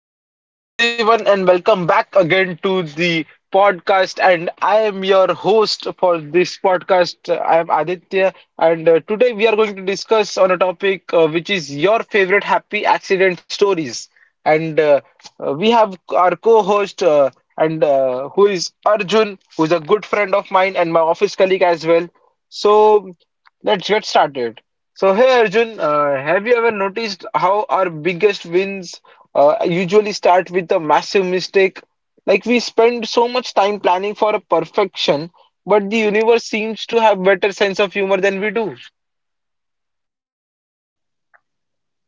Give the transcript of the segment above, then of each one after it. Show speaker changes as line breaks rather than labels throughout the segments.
So, hello everyone, and welcome back again to the podcast. And I am your host for this podcast. I am Aditya, and today we are going to discuss on a topic which is your favorite happy accident stories. And we have our co-host, and who is Arjun, who is a good friend of mine and my office colleague as well. So, let's get started. So, hey Arjun, have you ever noticed how our biggest wins? Usually start with a massive mistake. Like we spend so much time planning for a perfection, but the universe seems to have better sense of humor than we do.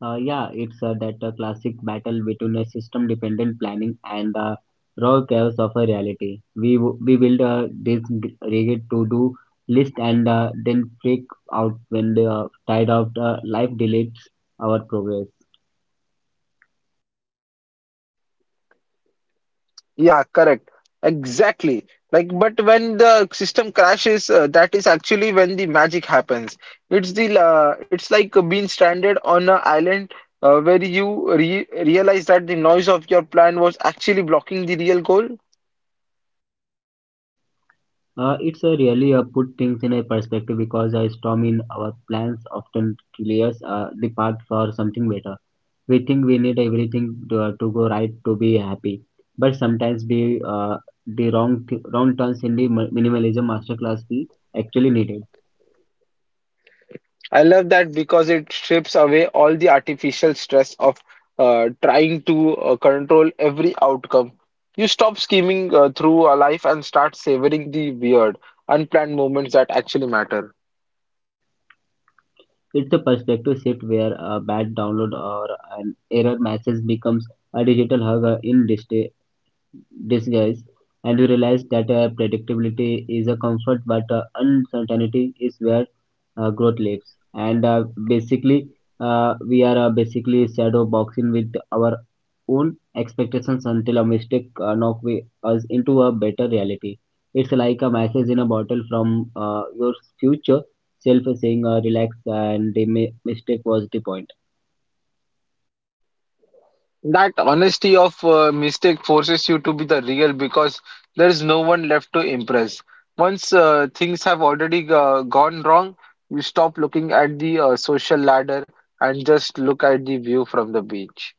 Yeah, it's that classic battle between a system-dependent planning and the raw chaos of a reality. We build this rigid to-do list and then freak out when the tide of the life deletes our progress.
Yeah, correct. Exactly. Like, but when the system crashes, that is actually when the magic happens. It's the it's like being stranded on an island where you re realize that the noise of your plan was actually blocking the real goal.
It's really put things in a perspective because a storm in our plans often clears the path for something better. We think we need everything to go right to be happy, but sometimes we the wrong wrong turns in the minimalism masterclass we actually needed.
I love that because it strips away all the artificial stress of trying to control every outcome. You stop scheming through a life and start savoring the weird, unplanned moments that actually matter.
It's a perspective shift where a bad download or an error message becomes a digital hug in disguise, and you realize that predictability is a comfort, but uncertainty is where growth legs, and basically we are basically shadow boxing with our own expectations until a mistake knock us into a better reality. It's like a message in a bottle from your future self saying, relax, and the mistake was the point.
That honesty of mistake forces you to be the real because there is no one left to impress. Once things have already gone wrong, you stop looking at the social ladder and just look at the view from the beach.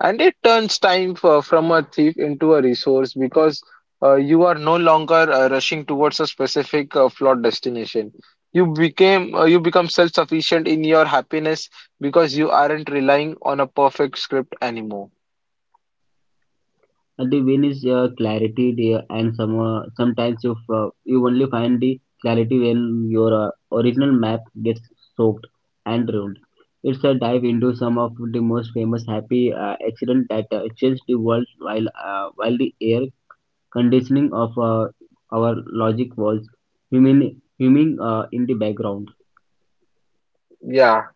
And it turns time for, from a thief into a resource because you are no longer rushing towards a specific flawed destination. You became you become self-sufficient in your happiness because you aren't relying on a perfect script anymore.
And the win is clarity, dear, and sometimes you only find the clarity when your original map gets soaked and ruined. It's a dive into some of the most famous happy accident that changed the world while the air conditioning of our logic was humming in the background.
Yeah.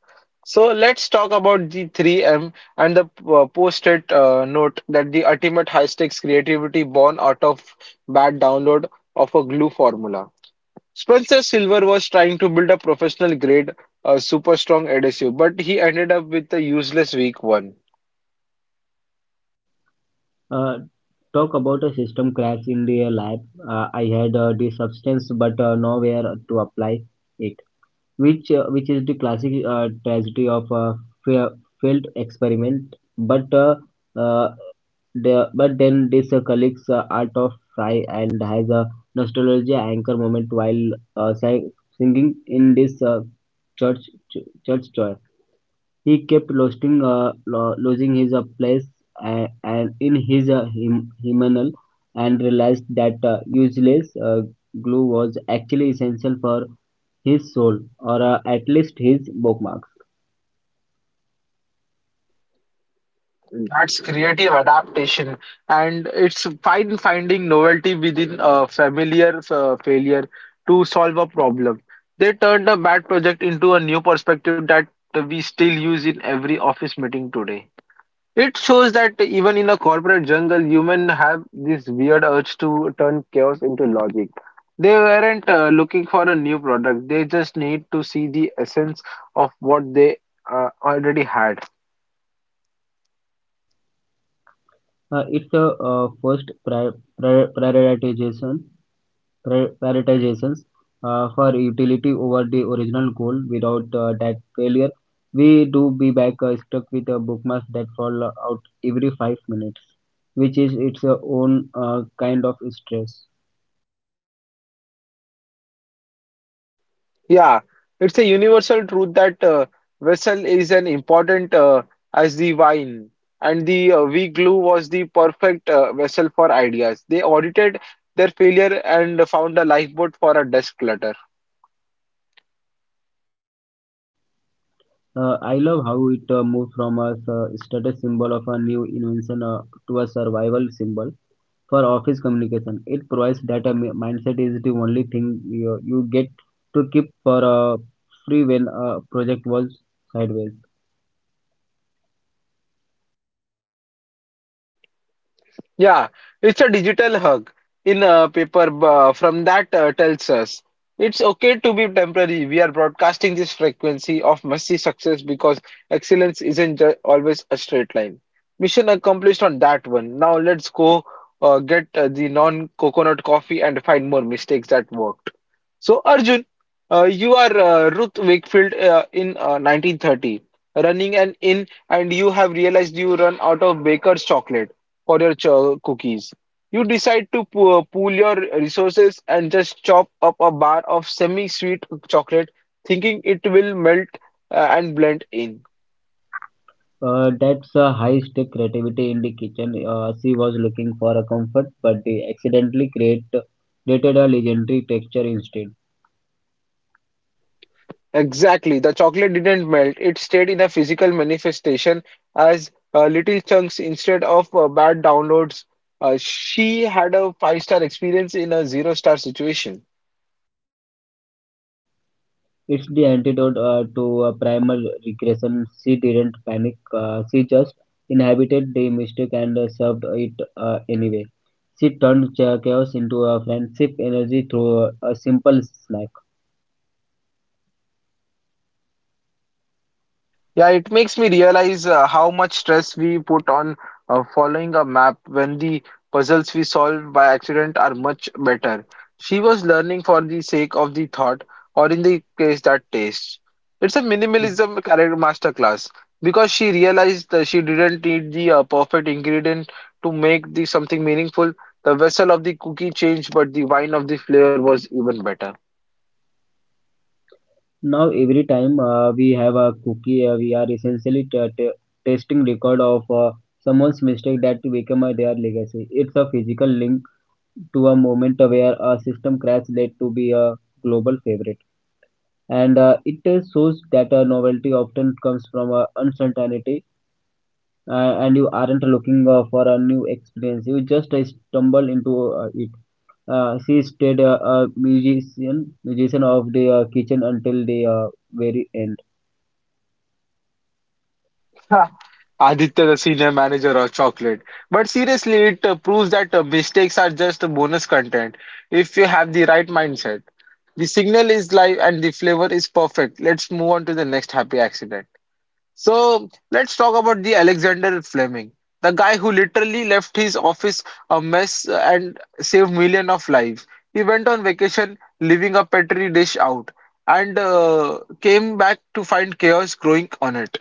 So let's talk about the 3M and the post-it note that the ultimate high-stakes creativity born out of bad download of a glue formula. Spencer Silver was trying to build a professional grade super strong adhesive, but he ended up with a useless weak one.
Uh, Talk about a system crash in the lab. I had the substance but nowhere to apply it, which is the classic tragedy of a fa- failed experiment. Uh, but then this collects art of fry and has a nostalgia anchor moment while uh, sang- singing in this church church joy. He kept losing his place and in his hymnal and realized that useless glue was actually essential for his soul, or at least his bookmarks.
That's creative adaptation, and it's fine finding novelty within a familiar failure to solve a problem. They turned a bad project into a new perspective that we still use in every office meeting today. It shows that even in a corporate jungle, humans have this weird urge to turn chaos into logic. They weren't looking for a new product, they just need to see the essence of what they already had.
It's a first pri- prioritization, prioritizations for utility over the original goal. Without that failure, we do be back stuck with a bookmarks that fall out every 5 minutes, which is its own kind of stress.
Yeah, it's a universal truth that vessel is an important as the wine, and the weak glue was the perfect vessel for ideas. They audited their failure and found a lifeboat for a desk clutter.
I love how it moved from a status symbol of a new invention to a survival symbol for office communication. It provides that mindset is the only thing you get to keep for free when a project was sideways.
Yeah, it's a digital hug in a from that tells us it's okay to be temporary. We are broadcasting this frequency of messy success because excellence isn't ju- always a straight line. Mission accomplished on that one. Now let's go get the non-coconut coffee and find more mistakes that worked. So Arjun, you are Ruth Wakefield in 1930, running an inn, and you have realized you run out of baker's chocolate for your cookies. You decide to pool your resources and just chop up a bar of semi-sweet chocolate, thinking it will melt and blend in.
That's a high stake creativity in the kitchen. She was looking for a comfort, but they created a legendary texture instead.
Exactly, the chocolate didn't melt, it stayed in a physical manifestation as little chunks instead of bad downloads. She had a five-star experience in a zero-star situation.
It's the antidote to primal regression. She didn't panic. She just inhabited the mistake and served it anyway. She turned chaos into a friendship energy through a simple snack.
Yeah, it makes me realize how much stress we put on following a map when the puzzles we solve by accident are much better. She was learning for the sake of the thought, or in the case that taste. It's a minimalism character masterclass because she realized that she didn't need the perfect ingredient to make the something meaningful. The vessel of the cookie changed, but the wine of the flavor was even better.
Now, every time we have a cookie, we are essentially testing record of someone's mistake that become their legacy. It's a physical link to a moment where a system crash led to be a global favorite, and it shows that novelty often comes from uncertainty, and you aren't looking for a new experience. You just stumble into it. She stayed a musician of the kitchen until the very end.
Ha, Aditya, the senior manager of chocolate. But seriously, it proves that mistakes are just a bonus content if you have the right mindset. The signal is live and the flavor is perfect. Let's move on to the next happy accident. So let's talk about the Alexander Fleming, the guy who literally left his office a mess and saved millions of lives. He went on vacation, leaving a petri dish out, and came back to find chaos growing on it.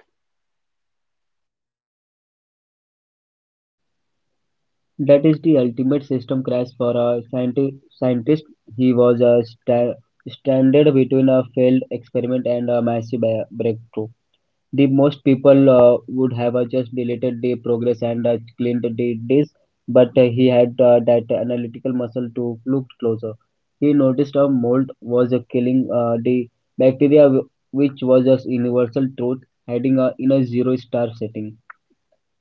That is the ultimate system crash for a scientist. He was stranded between a failed experiment and a massive breakthrough. The most people would have just deleted the progress and cleaned the disk, but he had that analytical muscle to look closer. He noticed a mold was killing the bacteria, which was a universal truth, hiding in a zero star setting.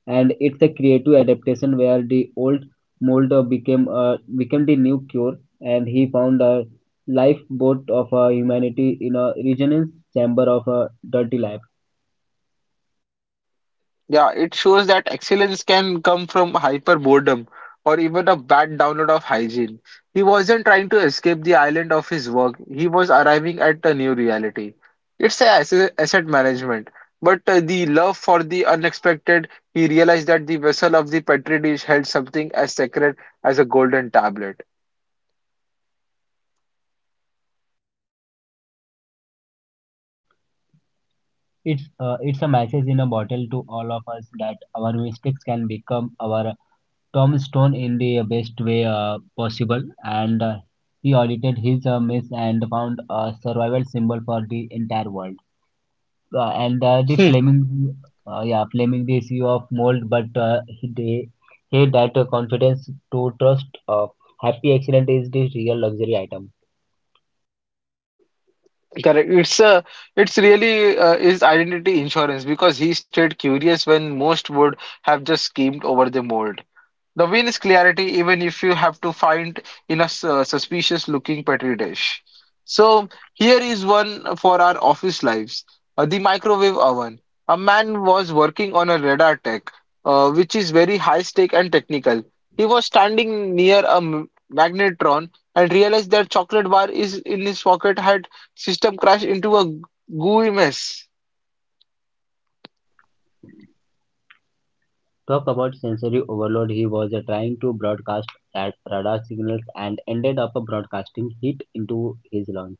And it's a creative adaptation where the old mold became the new cure, and he found a lifeboat of humanity in a resonance chamber of a dirty life.
Yeah, it shows that excellence can come from hyper boredom or even a bad download of hygiene. He wasn't trying to escape the island of his work, he was arriving at a new reality. It's a asset management, but the love for the unexpected, he realized that the vessel of the Petri dish held something as sacred as a golden tablet.
It's a message in a bottle to all of us that our mistakes can become our tombstone in the best way possible. And he audited his mess and found a survival symbol for the entire world. And
Hmm.
yeah, flaming the issue of mold, but he that confidence to trust. Happy accident is the real luxury item.
Correct. It's really is identity insurance because he stayed curious when most would have just schemed over the mold. The win is clarity, even if you have to find in a suspicious looking petri dish. So, here is one for our office lives the microwave oven. A man was working on a radar tech, which is very high stake and technical. He was standing near a magnetron and realized that chocolate bar is in his pocket had system crashed into a gooey mess.
Talk about sensory overload. He was trying to broadcast at radar signals and ended up broadcasting heat into his lungs.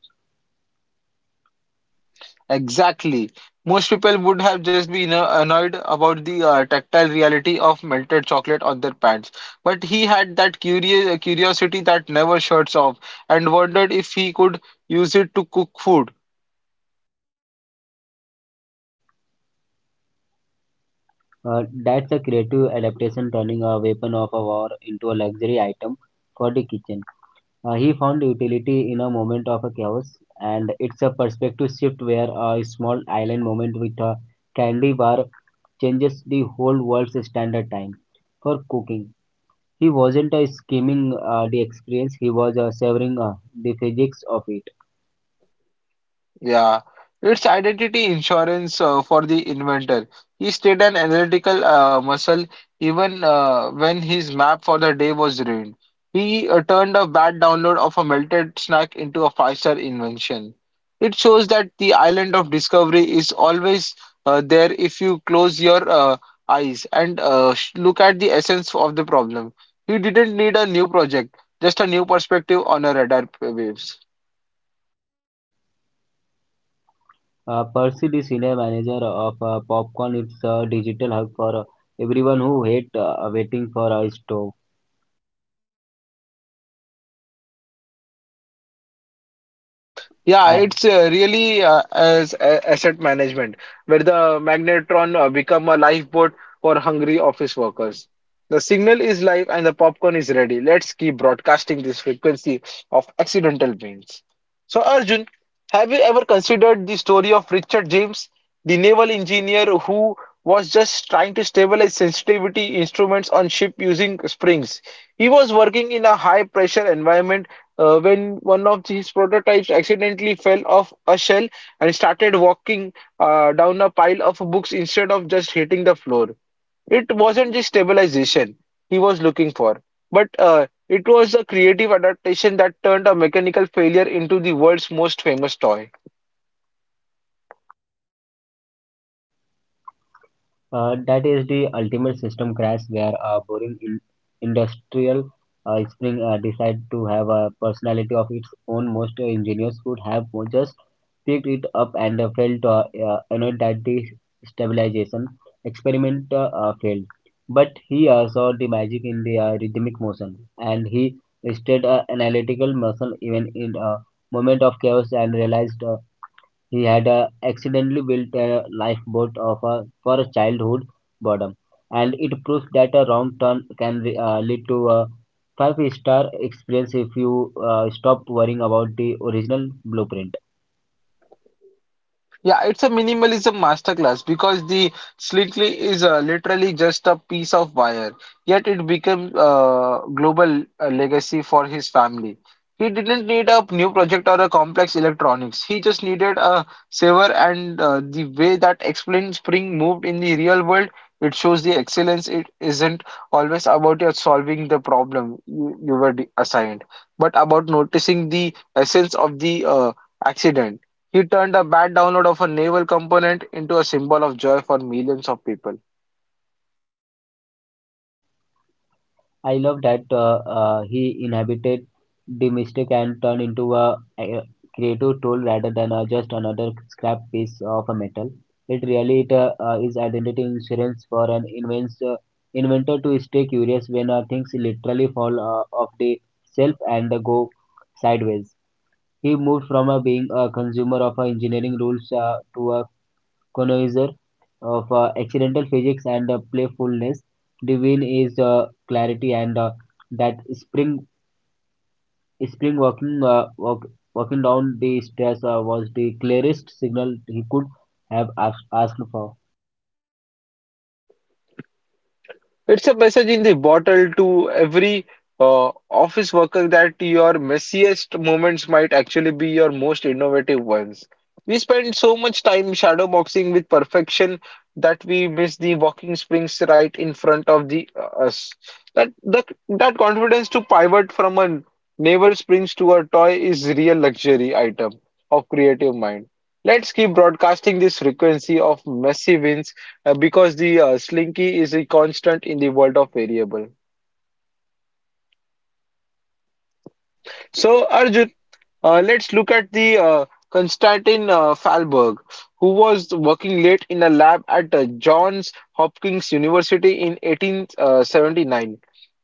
Exactly. Most people would have just been annoyed about the tactile reality of melted chocolate on their pants. But he had that curious curiosity that never shuts off and wondered if he could use it to cook food.
That's a creative adaptation, turning a weapon of a war into a luxury item for the kitchen. He found utility in a moment of a chaos, and it's a perspective shift where a small island moment with a candy bar changes the whole world's standard time for cooking. He wasn't scheming the experience, he was savoring the physics of it.
Yeah, it's identity insurance for the inventor. He stayed an analytical muscle even when his map for the day was ruined. He turned a bad download of a melted snack into a five-star invention. It shows that the island of discovery is always there if you close your eyes and look at the essence of the problem. He didn't need a new project, just a new perspective on a radar waves.
Percy, the senior manager of Popcorn, it's a digital hub for everyone who hate waiting for a stove.
Yeah,
Uh,
it's really asset management, where the magnetron become a lifeboat for hungry office workers. The signal is live and the popcorn is ready. Let's keep broadcasting this frequency of accidental means. So, Arjun, have you ever considered the story of Richard James, the naval engineer who was just trying to stabilize sensitivity instruments on ship using springs? He was working in a high pressure environment when one of his prototypes accidentally fell off a shelf and started walking down a pile of books instead of just hitting the floor. It wasn't the stabilization he was looking for, but it was a creative adaptation that turned a mechanical failure into the world's most famous toy.
That is the ultimate system crash where a boring industrial spring decide to have a personality of its own. Most engineers would have just picked it up and felt annoyed that the stabilization experiment failed. But he saw the magic in the rhythmic motion, and he tested analytical muscle even in a moment of chaos and realized he had accidentally built a lifeboat of for childhood boredom, and it proves that a wrong turn can lead to a five-star experience if you stop worrying about the original blueprint.
Yeah, it's a minimalism masterclass because the slickly is literally just a piece of wire, yet it became a global legacy for his family. He didn't need a new project or a complex electronics. He just needed a saver, and the way that explains spring moved in the real world, it shows the excellence. It isn't always about your solving the problem you were assigned, but about noticing the essence of the accident. He turned a bad download of a naval component into a symbol of joy for millions of people.
I love that he inhabited the mistake and turned into a creative tool rather than just another scrap piece of a metal. It really is identity insurance for an inventor to stay curious when things literally fall off the shelf and go sideways. He moved from being a consumer of engineering rules to a connoisseur of accidental physics and playfulness. Devine is clarity, and that spring walking down the stairs was the clearest signal he could have asked for.
It's a message in the bottle to every office worker that your messiest moments might actually be your most innovative ones. We spend so much time shadow boxing with perfection that we miss the walking springs right in front of the us. That the, that confidence to pivot from a navel springs to a toy is real luxury item of creative mind. Let's keep broadcasting this frequency of messy wins because the slinky is a constant in the world of variable. So Arjun, let's look at the Konstantin Falberg, who was working late in a lab at Johns Hopkins University in 1879.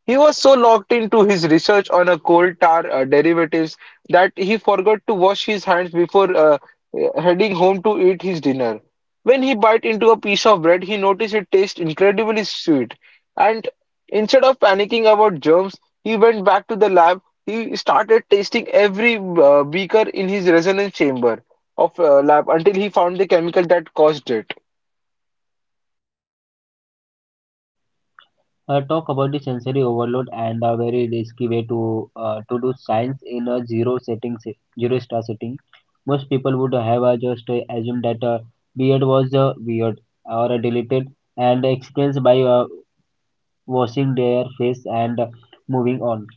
He was so locked into his research on a coal tar derivatives that he forgot to wash his hands before heading home to eat his dinner. When he bit into a piece of bread, he noticed it tasted incredibly sweet. And instead of panicking about germs, he went back to the lab. He started tasting every beaker in his resonance chamber of lab until he found the chemical that caused it.
Talk about the sensory overload and a very risky way to do science in a zero star setting. Most people would have just assumed that beard was weird or deleted and explained by washing their face and moving on.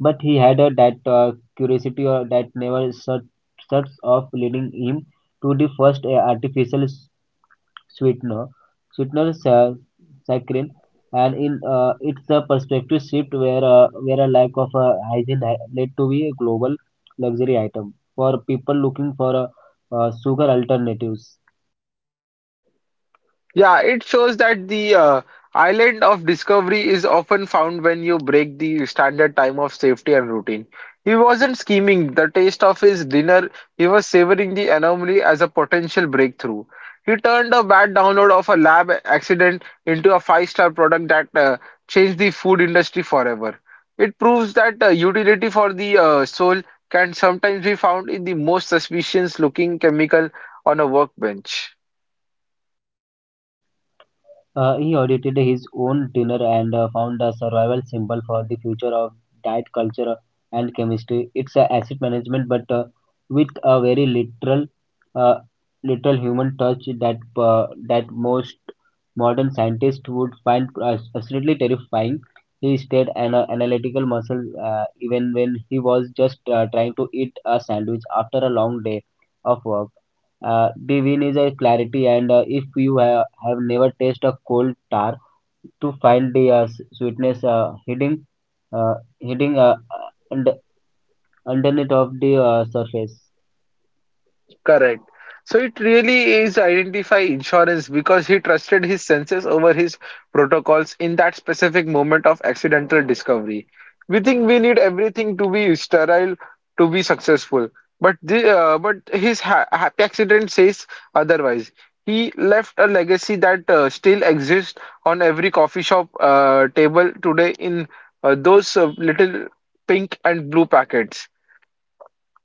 But he had that curiosity that never shuts off, leading him to the first artificial sweetener, sweetener sa- saccharin, and in its a perspective shift where a lack of hygiene led to be a global luxury item for people looking for sugar alternatives.
Yeah, it shows that the island of discovery is often found when you break the standard time of safety and routine. He wasn't scheming the taste of his dinner, he was savoring the anomaly as a potential breakthrough. He turned a bad download of a lab accident into a five-star product that changed the food industry forever. It proves that utility for the soul can sometimes be found in the most suspicious-looking chemical on a workbench.
He audited his own dinner and found a survival symbol for the future of diet culture and chemistry. It's asset management, but with a very uh, literal human touch that most modern scientists would find absolutely terrifying. He stayed an analytical muscle even when he was just trying to eat a sandwich after a long day of work. The win is a clarity, and if you have never tasted a cold tar to find the sweetness uh, hidden und- underneath of the surface.
Correct. So it really is identify insurance because he trusted his senses over his protocols in that specific moment of accidental discovery. We think we need everything to be sterile to be successful, but the but his ha happy accident says otherwise. He left a legacy that still exists on every coffee shop table today in those little pink and blue packets.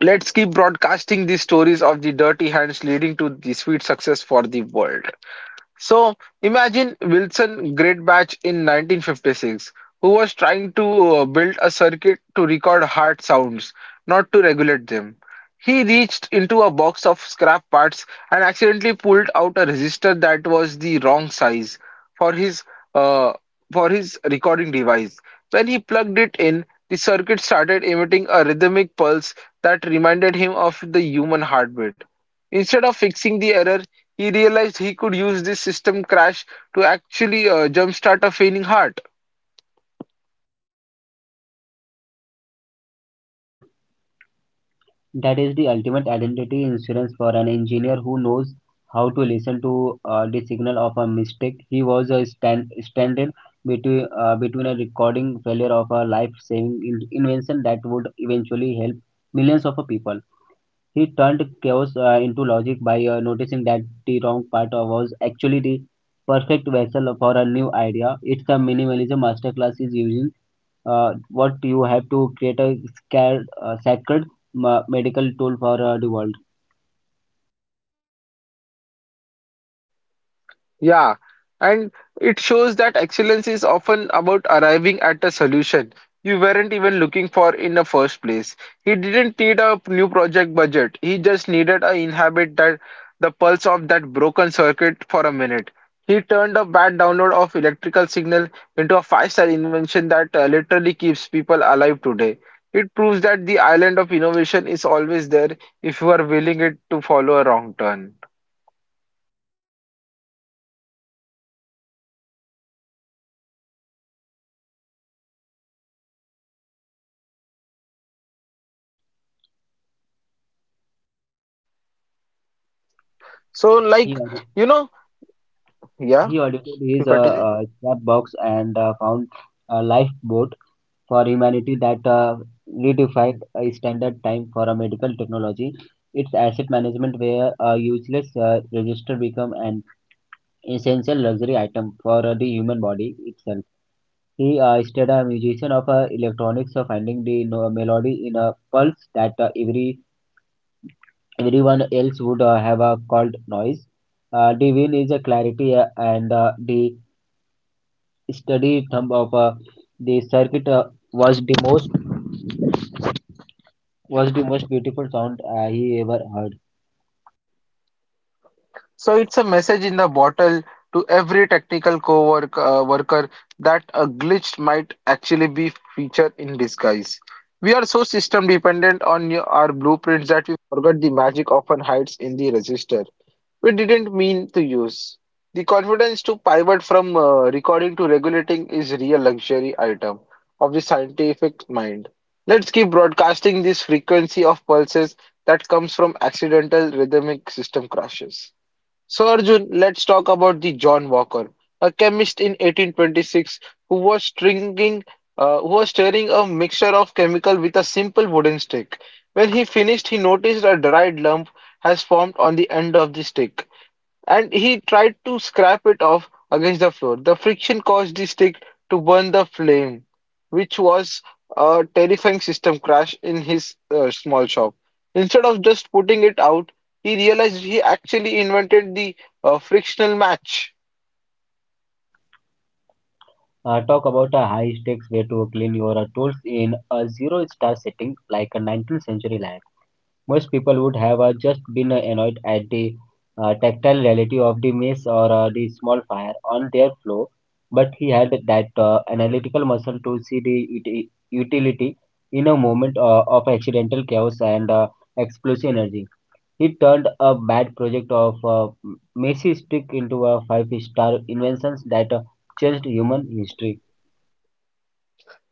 Let's keep broadcasting these stories of the dirty hands leading to the sweet success for the world. So imagine Wilson Greatbatch in 1956, who was trying to build a circuit to record hard sounds, not to regulate them. He reached into a box of scrap parts and accidentally pulled out a resistor that was the wrong size for his uh, for his recording device. When he plugged it in, the circuit started emitting a rhythmic pulse that reminded him of the human heartbeat. Instead of fixing the error, he realized he could use this system crash to actually jumpstart a failing heart.
That is the ultimate identity insurance for an engineer who knows how to listen to the signal of a mistake. He was a standing between a recording failure of a life-saving invention that would eventually help millions of people. He turned chaos into logic by noticing that the wrong part was actually the perfect vessel for a new idea. It's a minimalism masterclass is using what you have to create a sacred medical tool for the world.
Yeah, and it shows that excellence is often about arriving at a solution you weren't even looking for in the first place. He didn't need a new project budget. He just needed a inhabit that the pulse of that broken circuit for a minute. He turned a bad download of electrical signal into a five-star invention that literally keeps people alive today. It proves that the island of innovation is always there if you are willing it to follow a wrong turn. So,
He,
like,
audi-
you know, yeah.
he audited his
You continue.
scrapbooks and found a lifeboat for humanity that redefined a standard time for a medical technology. It's asset management where a useless register become an essential luxury item for the human body itself. He studied a musician of electronics, finding the melody in a pulse that everyone else would have called noise. The win is a clarity, and the study thumb of the circuit was the most was the most beautiful sound he ever heard.
So it's a message in the bottle to every technical co-work worker that a glitch might actually be feature in disguise. We are so system dependent on your, our blueprints that we forget the magic often hides in the register. We didn't mean to use. The confidence to pivot from recording to regulating is real luxury item of the scientific mind. Let's keep broadcasting this frequency of pulses that comes from accidental rhythmic system crashes. So Arjun, let's talk about the John Walker, a chemist in 1826 who was stringing, who was stirring a mixture of chemical with a simple wooden stick. When he finished, he noticed a dried lump has formed on the end of the stick and he tried to scrape it off against the floor. The friction caused the stick to burn the flame, which was a terrifying system crash in his small shop. Instead of just putting it out, he realized he actually invented the frictional match.
Talk about a high stakes way to clean your tools in a zero star setting like a 19th century lab. Most people would have just been annoyed at the tactile reality of the mess or the small fire on their floor, but he had that analytical muscle to see the utility in a moment of accidental chaos and explosive energy. He turned a bad project of messy stick into a five-star invention that changed human history.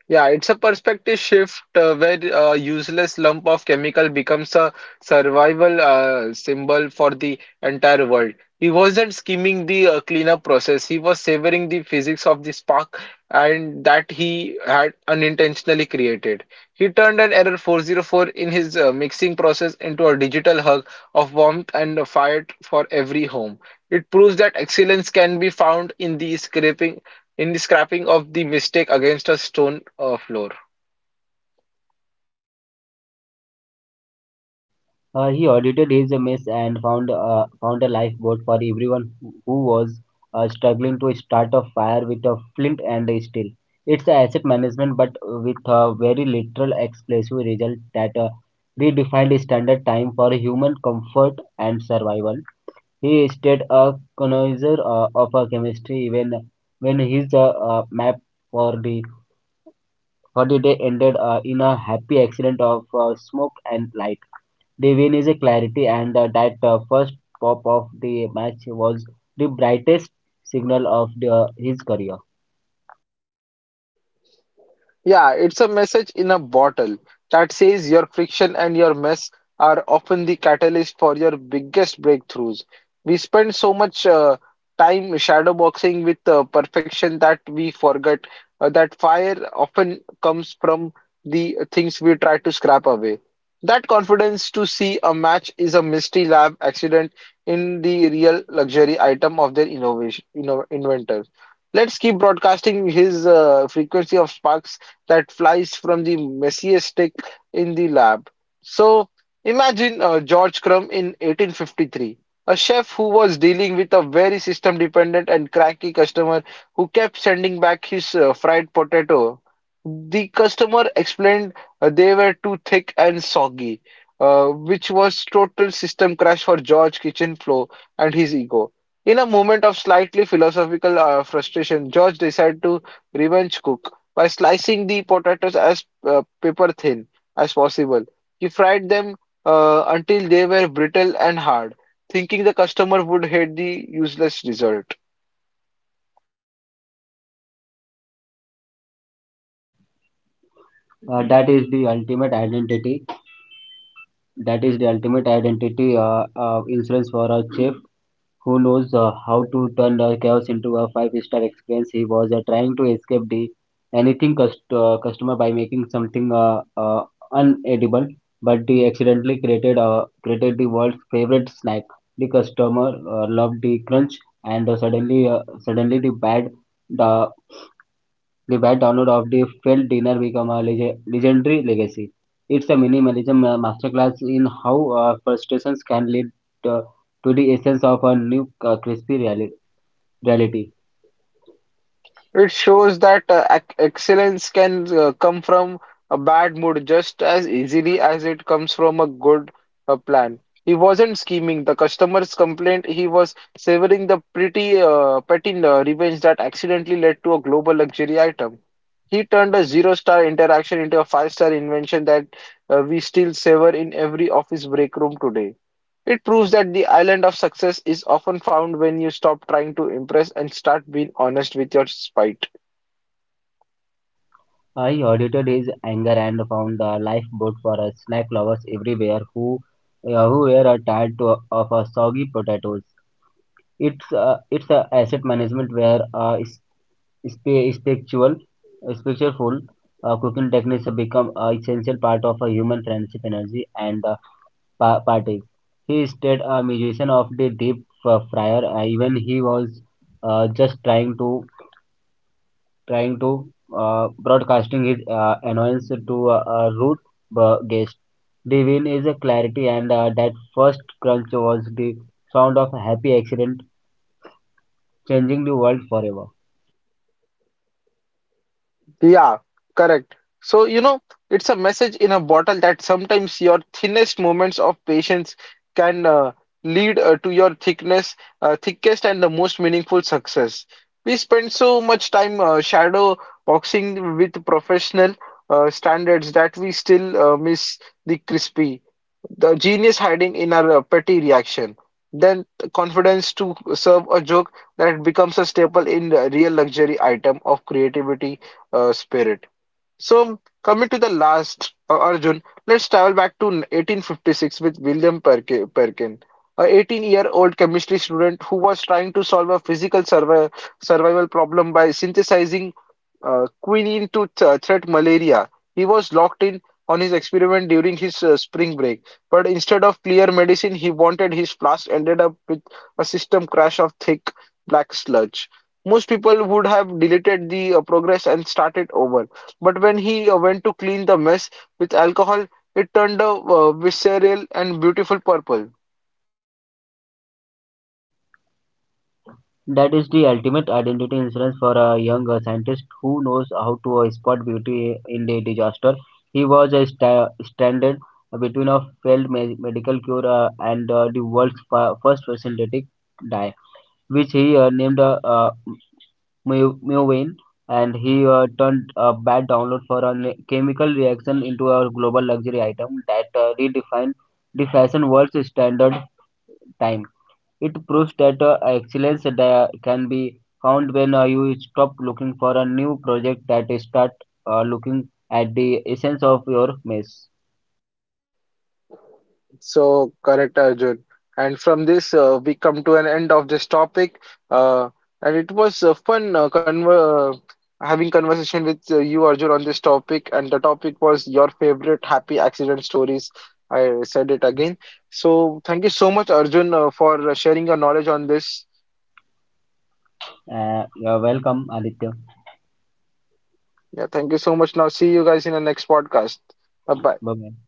Yeah, it's a perspective shift where a useless lump of chemical becomes a survival symbol for the entire world. He wasn't skimming the cleanup process, he was savoring the physics of the spark and that he had unintentionally created. He turned an error 404 in his mixing process into a digital hug of warmth and fire for every home. It proves that excellence can be found in the scraping of the mistake against a stone floor.
He audited his mess and found a lifeboat for everyone who was struggling to start a fire with a flint and a steel. It's a asset management, but with a very literal, explosive result that redefined standard time for human comfort and survival. He stayed a connoisseur of chemistry even when his map for the for the day ended in a happy accident of smoke and light. The win is a clarity, and that first pop of the match was the brightest signal of his career.
Yeah, it's a message in a bottle that says your friction and your mess are often the catalyst for your biggest breakthroughs. We spend so much time shadowboxing with perfection that we forget that fire often comes from the things we try to scrap away. That confidence to see a match is a mystery lab accident in the real luxury item of their inventor. Let's keep broadcasting his frequency of sparks that flies from the messiest stick in the lab. So imagine George Crumb in 1853, a chef who was dealing with a very system dependent and cranky customer who kept sending back his fried potato. The customer explained they were too thick and soggy, which was total system crash for George kitchen flow and his ego. In a moment of slightly philosophical frustration, George decided to revenge cook by slicing the potatoes as paper thin as possible. He fried them until they were brittle and hard, thinking the customer would hate the useless result.
Uh, that is the ultimate identity. That is the ultimate identity insurance for a chef, who knows how to turn the chaos into a five-star experience. He was trying to escape the anything cust customer by making something unedible, but he accidentally created the world's favorite snack. The customer loved the crunch, and suddenly the the bad download of the failed dinner became a legendary legacy. It's a minimalism masterclass in how frustrations can lead uh, to the essence of a new crispy reality.
It shows that excellence can come from a bad mood just as easily as it comes from a good plan. He wasn't scheming the customer's complaint, he was savoring the pretty petty revenge that accidentally led to a global luxury item. He turned a zero-star interaction into a five-star invention that we still savor in every office break room today. It proves that the island of success is often found when you stop trying to impress and start being honest with your spite.
I audited his anger and found a lifeboat for snack lovers everywhere who were tired of soggy potatoes. It's a asset management where Spi- Spiritual, spiritual cooking techniques have become an essential part of a human friendship energy and parties. He stayed a musician of the deep fryer, even he was just trying to broadcasting his annoyance to a rude guest. The win is a clarity, and that first crunch was the sound of a happy accident, changing the world forever.
Yeah, correct. So, you know, it's a message in a bottle that sometimes your thinnest moments of patience can lead to your thickest and the most meaningful success. We spend so much time shadow boxing with professional standards that we still miss the crispy the genius hiding in our petty reaction. Then the confidence to serve a joke that becomes a staple in the real luxury item of creativity spirit. So coming to the last Arjun, let's travel back to 1856 with Perkin, a 18-year-old chemistry student who was trying to solve a survival problem by synthesizing quinine to treat malaria. He was locked in on his experiment during his spring break, but instead of clear medicine, he wanted his flask ended up with a system crash of thick black sludge. Most people would have deleted the progress and started over, but when he went to clean the mess with alcohol, it turned a visceral and beautiful purple.
That is the ultimate identity insurance for a young scientist who knows how to spot beauty in the disaster. He was stranded between a failed medical cure and the world's first synthetic dye, which he named Muvain, and he turned a bad download for a chemical reaction into a global luxury item that redefined the fashion world's standard time. It proves that excellence that can be found when you stop looking for a new project that is start looking at the essence of your mess.
So correct, Arjun. And from this, we come to an end of this topic. Uh, and it was fun conver having conversation with you, Arjun, on this topic. And the topic was your favorite happy accident stories. I said it again. So thank you so much, Arjun, for sharing your knowledge on this.
You're welcome, Aditya.
Yeah, thank you so much. Now see you guys in the next podcast. Bye bye.
Bye bye.